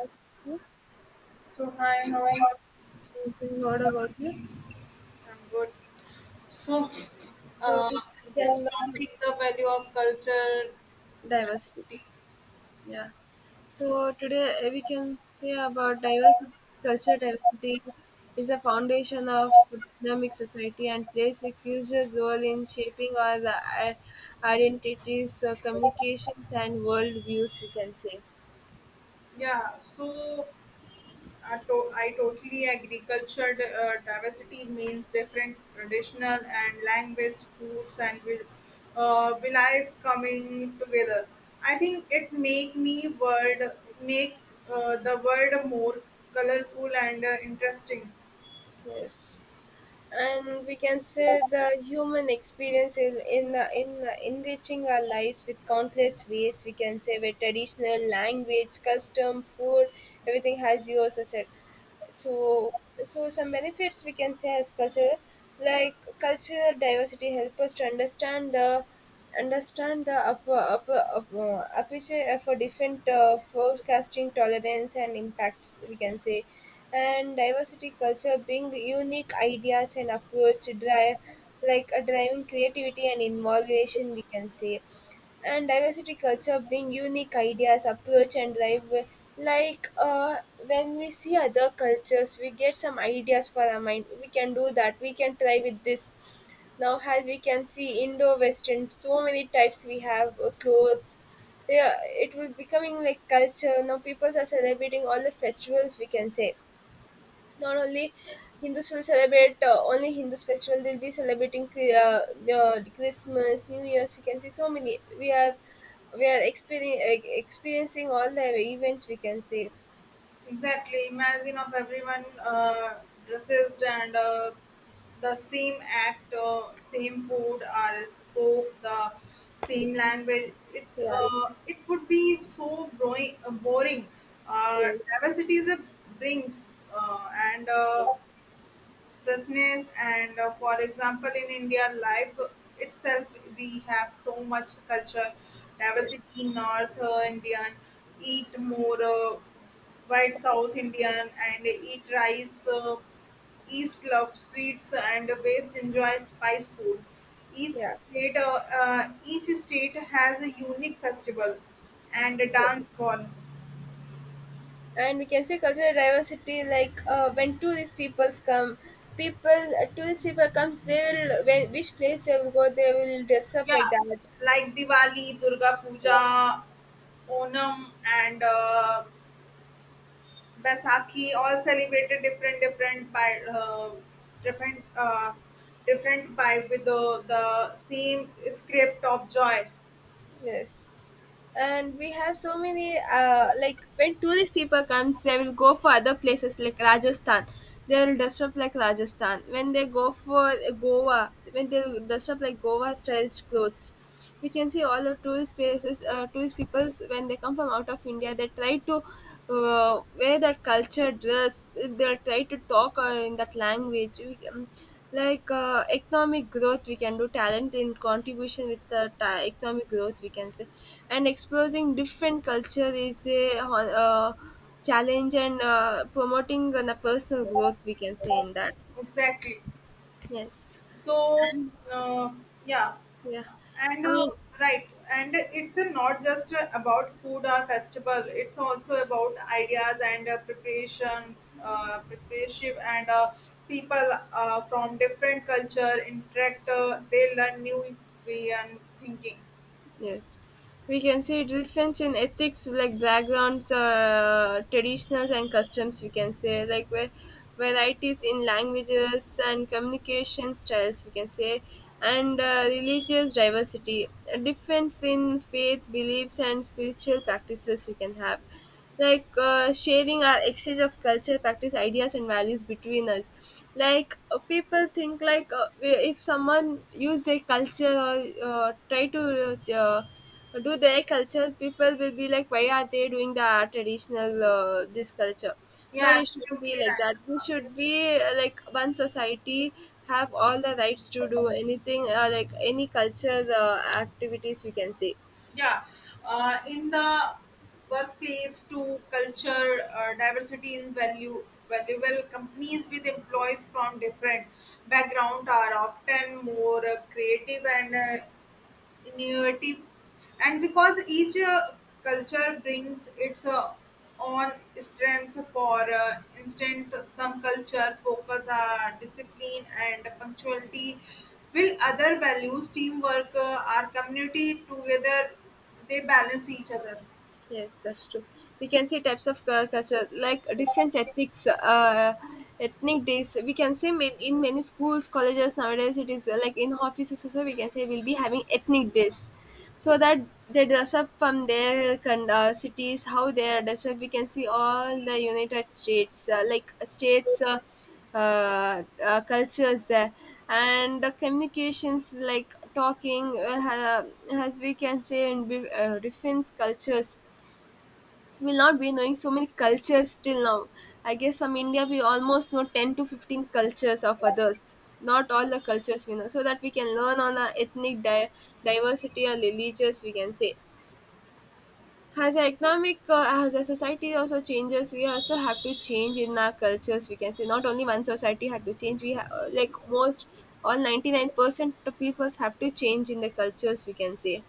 Actually, So hi, I how are you? was, what about you? I'm good. So, So uh, today we this can learn topic, the value of culture diversity. diversity. Yeah. So today we can say about diversity, culture diversity is a foundation of dynamic society and plays a huge role in shaping our identities, communications, and world views. We can say Yeah. I totally agree. Culture diversity means different traditional and language, foods, and will life coming together. I think it make me world make the world more colorful and interesting. yes. And we can say the human experience in enriching our lives with countless ways, we can say, with traditional language, custom, food, everything has yours, etc. so so some benefits we can say as culture, like cultural diversity help us to understand the aperture for different forecasting, tolerance, and impacts, we can say. And diversity culture bring unique ideas and approach to drive, like a driving creativity and innovation, we can say. And diversity culture bring unique ideas, approach, and drive, like when we see other cultures we get some ideas for our mind, we can do that, we can try with this. Now, as we can see, indo-western, so many types we have, clothes. Yeah, it will becoming like culture. Now people are celebrating all the festivals, we can say. Not only Hindus will celebrate only Hindus festival, they'll be celebrating uh, Christmas, New Year's. We can see so many. We are experiencing all the events, we can see. Exactly. Imagine of everyone dressed and the same act, same food, or spoke the same language. Yeah. It would be so boring. Yes. Diversity is a brings and freshness. And For example, in India, life itself, we have so much culture Yes. diversity. North Indian eat more. White South Indian and eat rice. East love sweets and West enjoys spice food. Yeah. Each state has a unique festival and a dance form. And we can see cultural diversity. Like when tourist peoples come, people tourist people comes. They will, when which place they will go, they will dress up like Yeah, that. like Diwali, Durga Puja, Onam, and Baisakhi all celebrated different different by with the same script of joy. Yes. And we have so many, like when tourist people comes, they will go for other places like Rajasthan. They will dress up like Rajasthan. When they go for Goa, when they will dress up like Goa style clothes, we can see all the tourist places, tourist peoples when they come from out of India, they try to where that culture dress, they'll try to talk in that language, we can, like economic growth we can do, talent in contribution with the economic growth, we can say. And exposing different culture is a challenge and promoting the personal growth, we can say in that. Exactly. Yes. So, uh, yeah, Yeah. and uh, And right, and it's not just about food or festival. It's also about ideas and preparation, and people from different culture interact. They learn new way and thinking. yes, we can see difference in ethics, like backgrounds, traditionals and customs, we can say, like where varieties in languages and communication styles, we can say. And religious diversity, a difference in faith, beliefs, and spiritual practices, we can have. Like sharing our exchange of culture practice, ideas, and values between us, like people think, like if someone use their culture or try to uh, do their culture, people will be like, why are they doing the traditional this culture. But Yeah, it shouldn't be absolutely like right. that, we should be like one society, have all the rights to do anything, like any culture activities, we can say. yeah in the workplace to culture diversity in value valuable companies with employees from different background are often more creative and innovative, and because each culture brings its own strength. For instance, some culture focus on discipline and punctuality, will other values teamwork, our community together. They balance each other. Yes, that's true. We can see types of culture, like different ethics, ethnic days, we can say. In many schools, colleges nowadays, it is, like in offices also, so we can say we'll be having ethnic days, so that they dress up from their cities, how they are dressed up. We can see all the United States, like states. Cultures there, and the communications like talking as we can say in different cultures. We'll not be knowing so many cultures till now. I guess from India, we almost know 10 to 15 cultures of others, not all the cultures we know, so that we can learn on our ethnic diversity or religious, we can say. As the economic, as the society also changes, we also have to change in our cultures, we can say. Not only one society had to change, we have, like most, all 99% of peoples have to change in the cultures, we can say.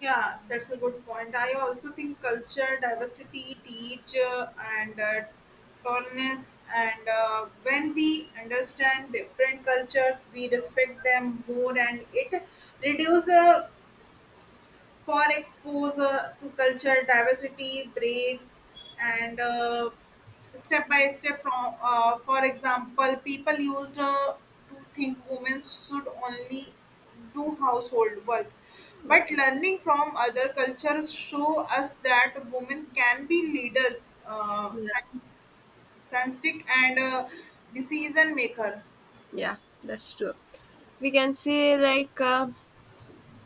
Yeah, that's a good point. I also think culture, diversity, teach, and tolerance. And When we understand different cultures, we respect them more, and it reduces. For exposure to culture diversity breaks and step by step. From For example, people used to think women should only do household work, but Yes. learning from other cultures show us that women can be leaders, Yeah, scientific and decision maker. yeah, that's true. We can say like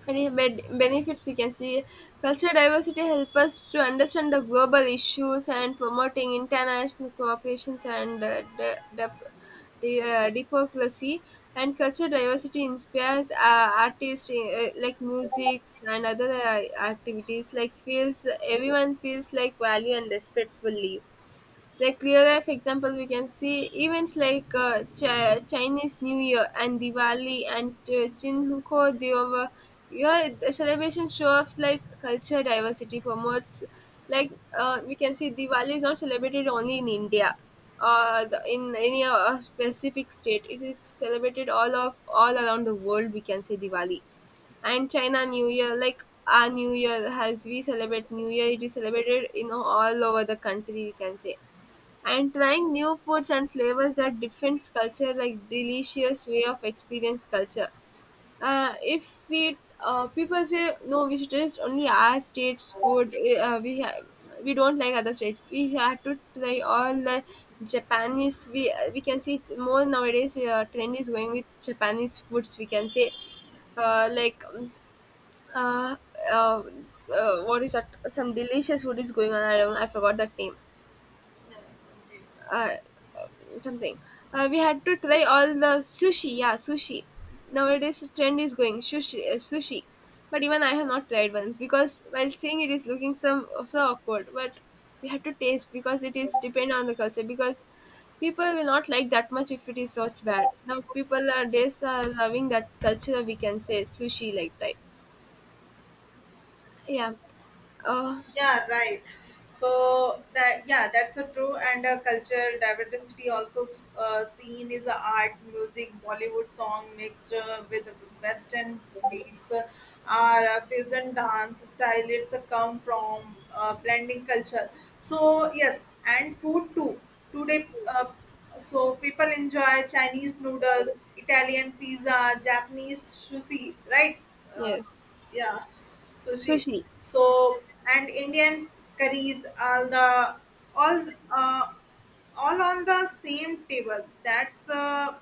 many benefits we can see. Cultural diversity help us to understand the global issues and promoting international cooperation and democracy. And cultural diversity inspires artists, like music and other activities, like feels, everyone feels like value and respectfully. Like clear example, we can see events like Chinese New Year and Diwali and Chinko Dewa. Yeah, the celebration shows like culture diversity promotes. Like we can see Diwali is not celebrated only in India or the, in any specific state. It is celebrated all of all around the world, we can say, Diwali. And China New Year, like our New Year, as we celebrate New Year, it is celebrated in all over the country, we can say. And trying new foods and flavors that different culture, like delicious way of experience culture. If we, people say no, we should taste only our state's food, we don't like other states, we have to try all the japanese. We we can see it more nowadays, trend is going with japanese foods, we can say. uh, like um, uh, uh, what is that, some delicious food is going on, I don't I forgot that name. uh, Something. We had to try all the sushi. Yeah, sushi. Nowadays, the trend is going sushi, sushi. But even I have not tried once because while seeing it is looking some so awkward. But we had to taste because it is depend on the culture. Because people will not like that much if it is such bad. Now people are days are loving that culture, we can say, sushi like type. Yeah. Uh, Yeah, right. That's a true. And culture diversity also seen is art, music. Bollywood song mixed with western beats, our fusion dance style, it's come from blending culture. So yes, and food too. Today so people enjoy Chinese noodles, Italian pizza, Japanese sushi, right? yes. Sushi. Sushi. So, and Indian curries are the all uh, all on the same table.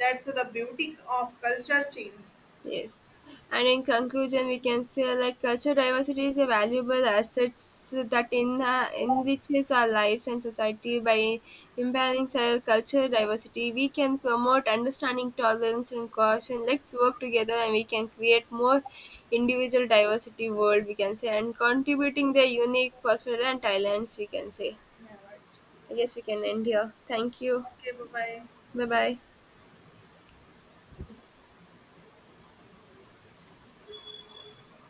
That's the beauty of culture change. Yes. And in conclusion, we can say like cultural diversity is a valuable assets that in enriches our lives and society by imbalancing our cultural diversity. We can promote understanding, tolerance, and caution. Let's work together, and we can create more individual diversity world, we can say, and contributing their unique perspective and talents, we can say. Yeah, right. I guess we can end here. Thank you. Okay, bye bye. Bye bye.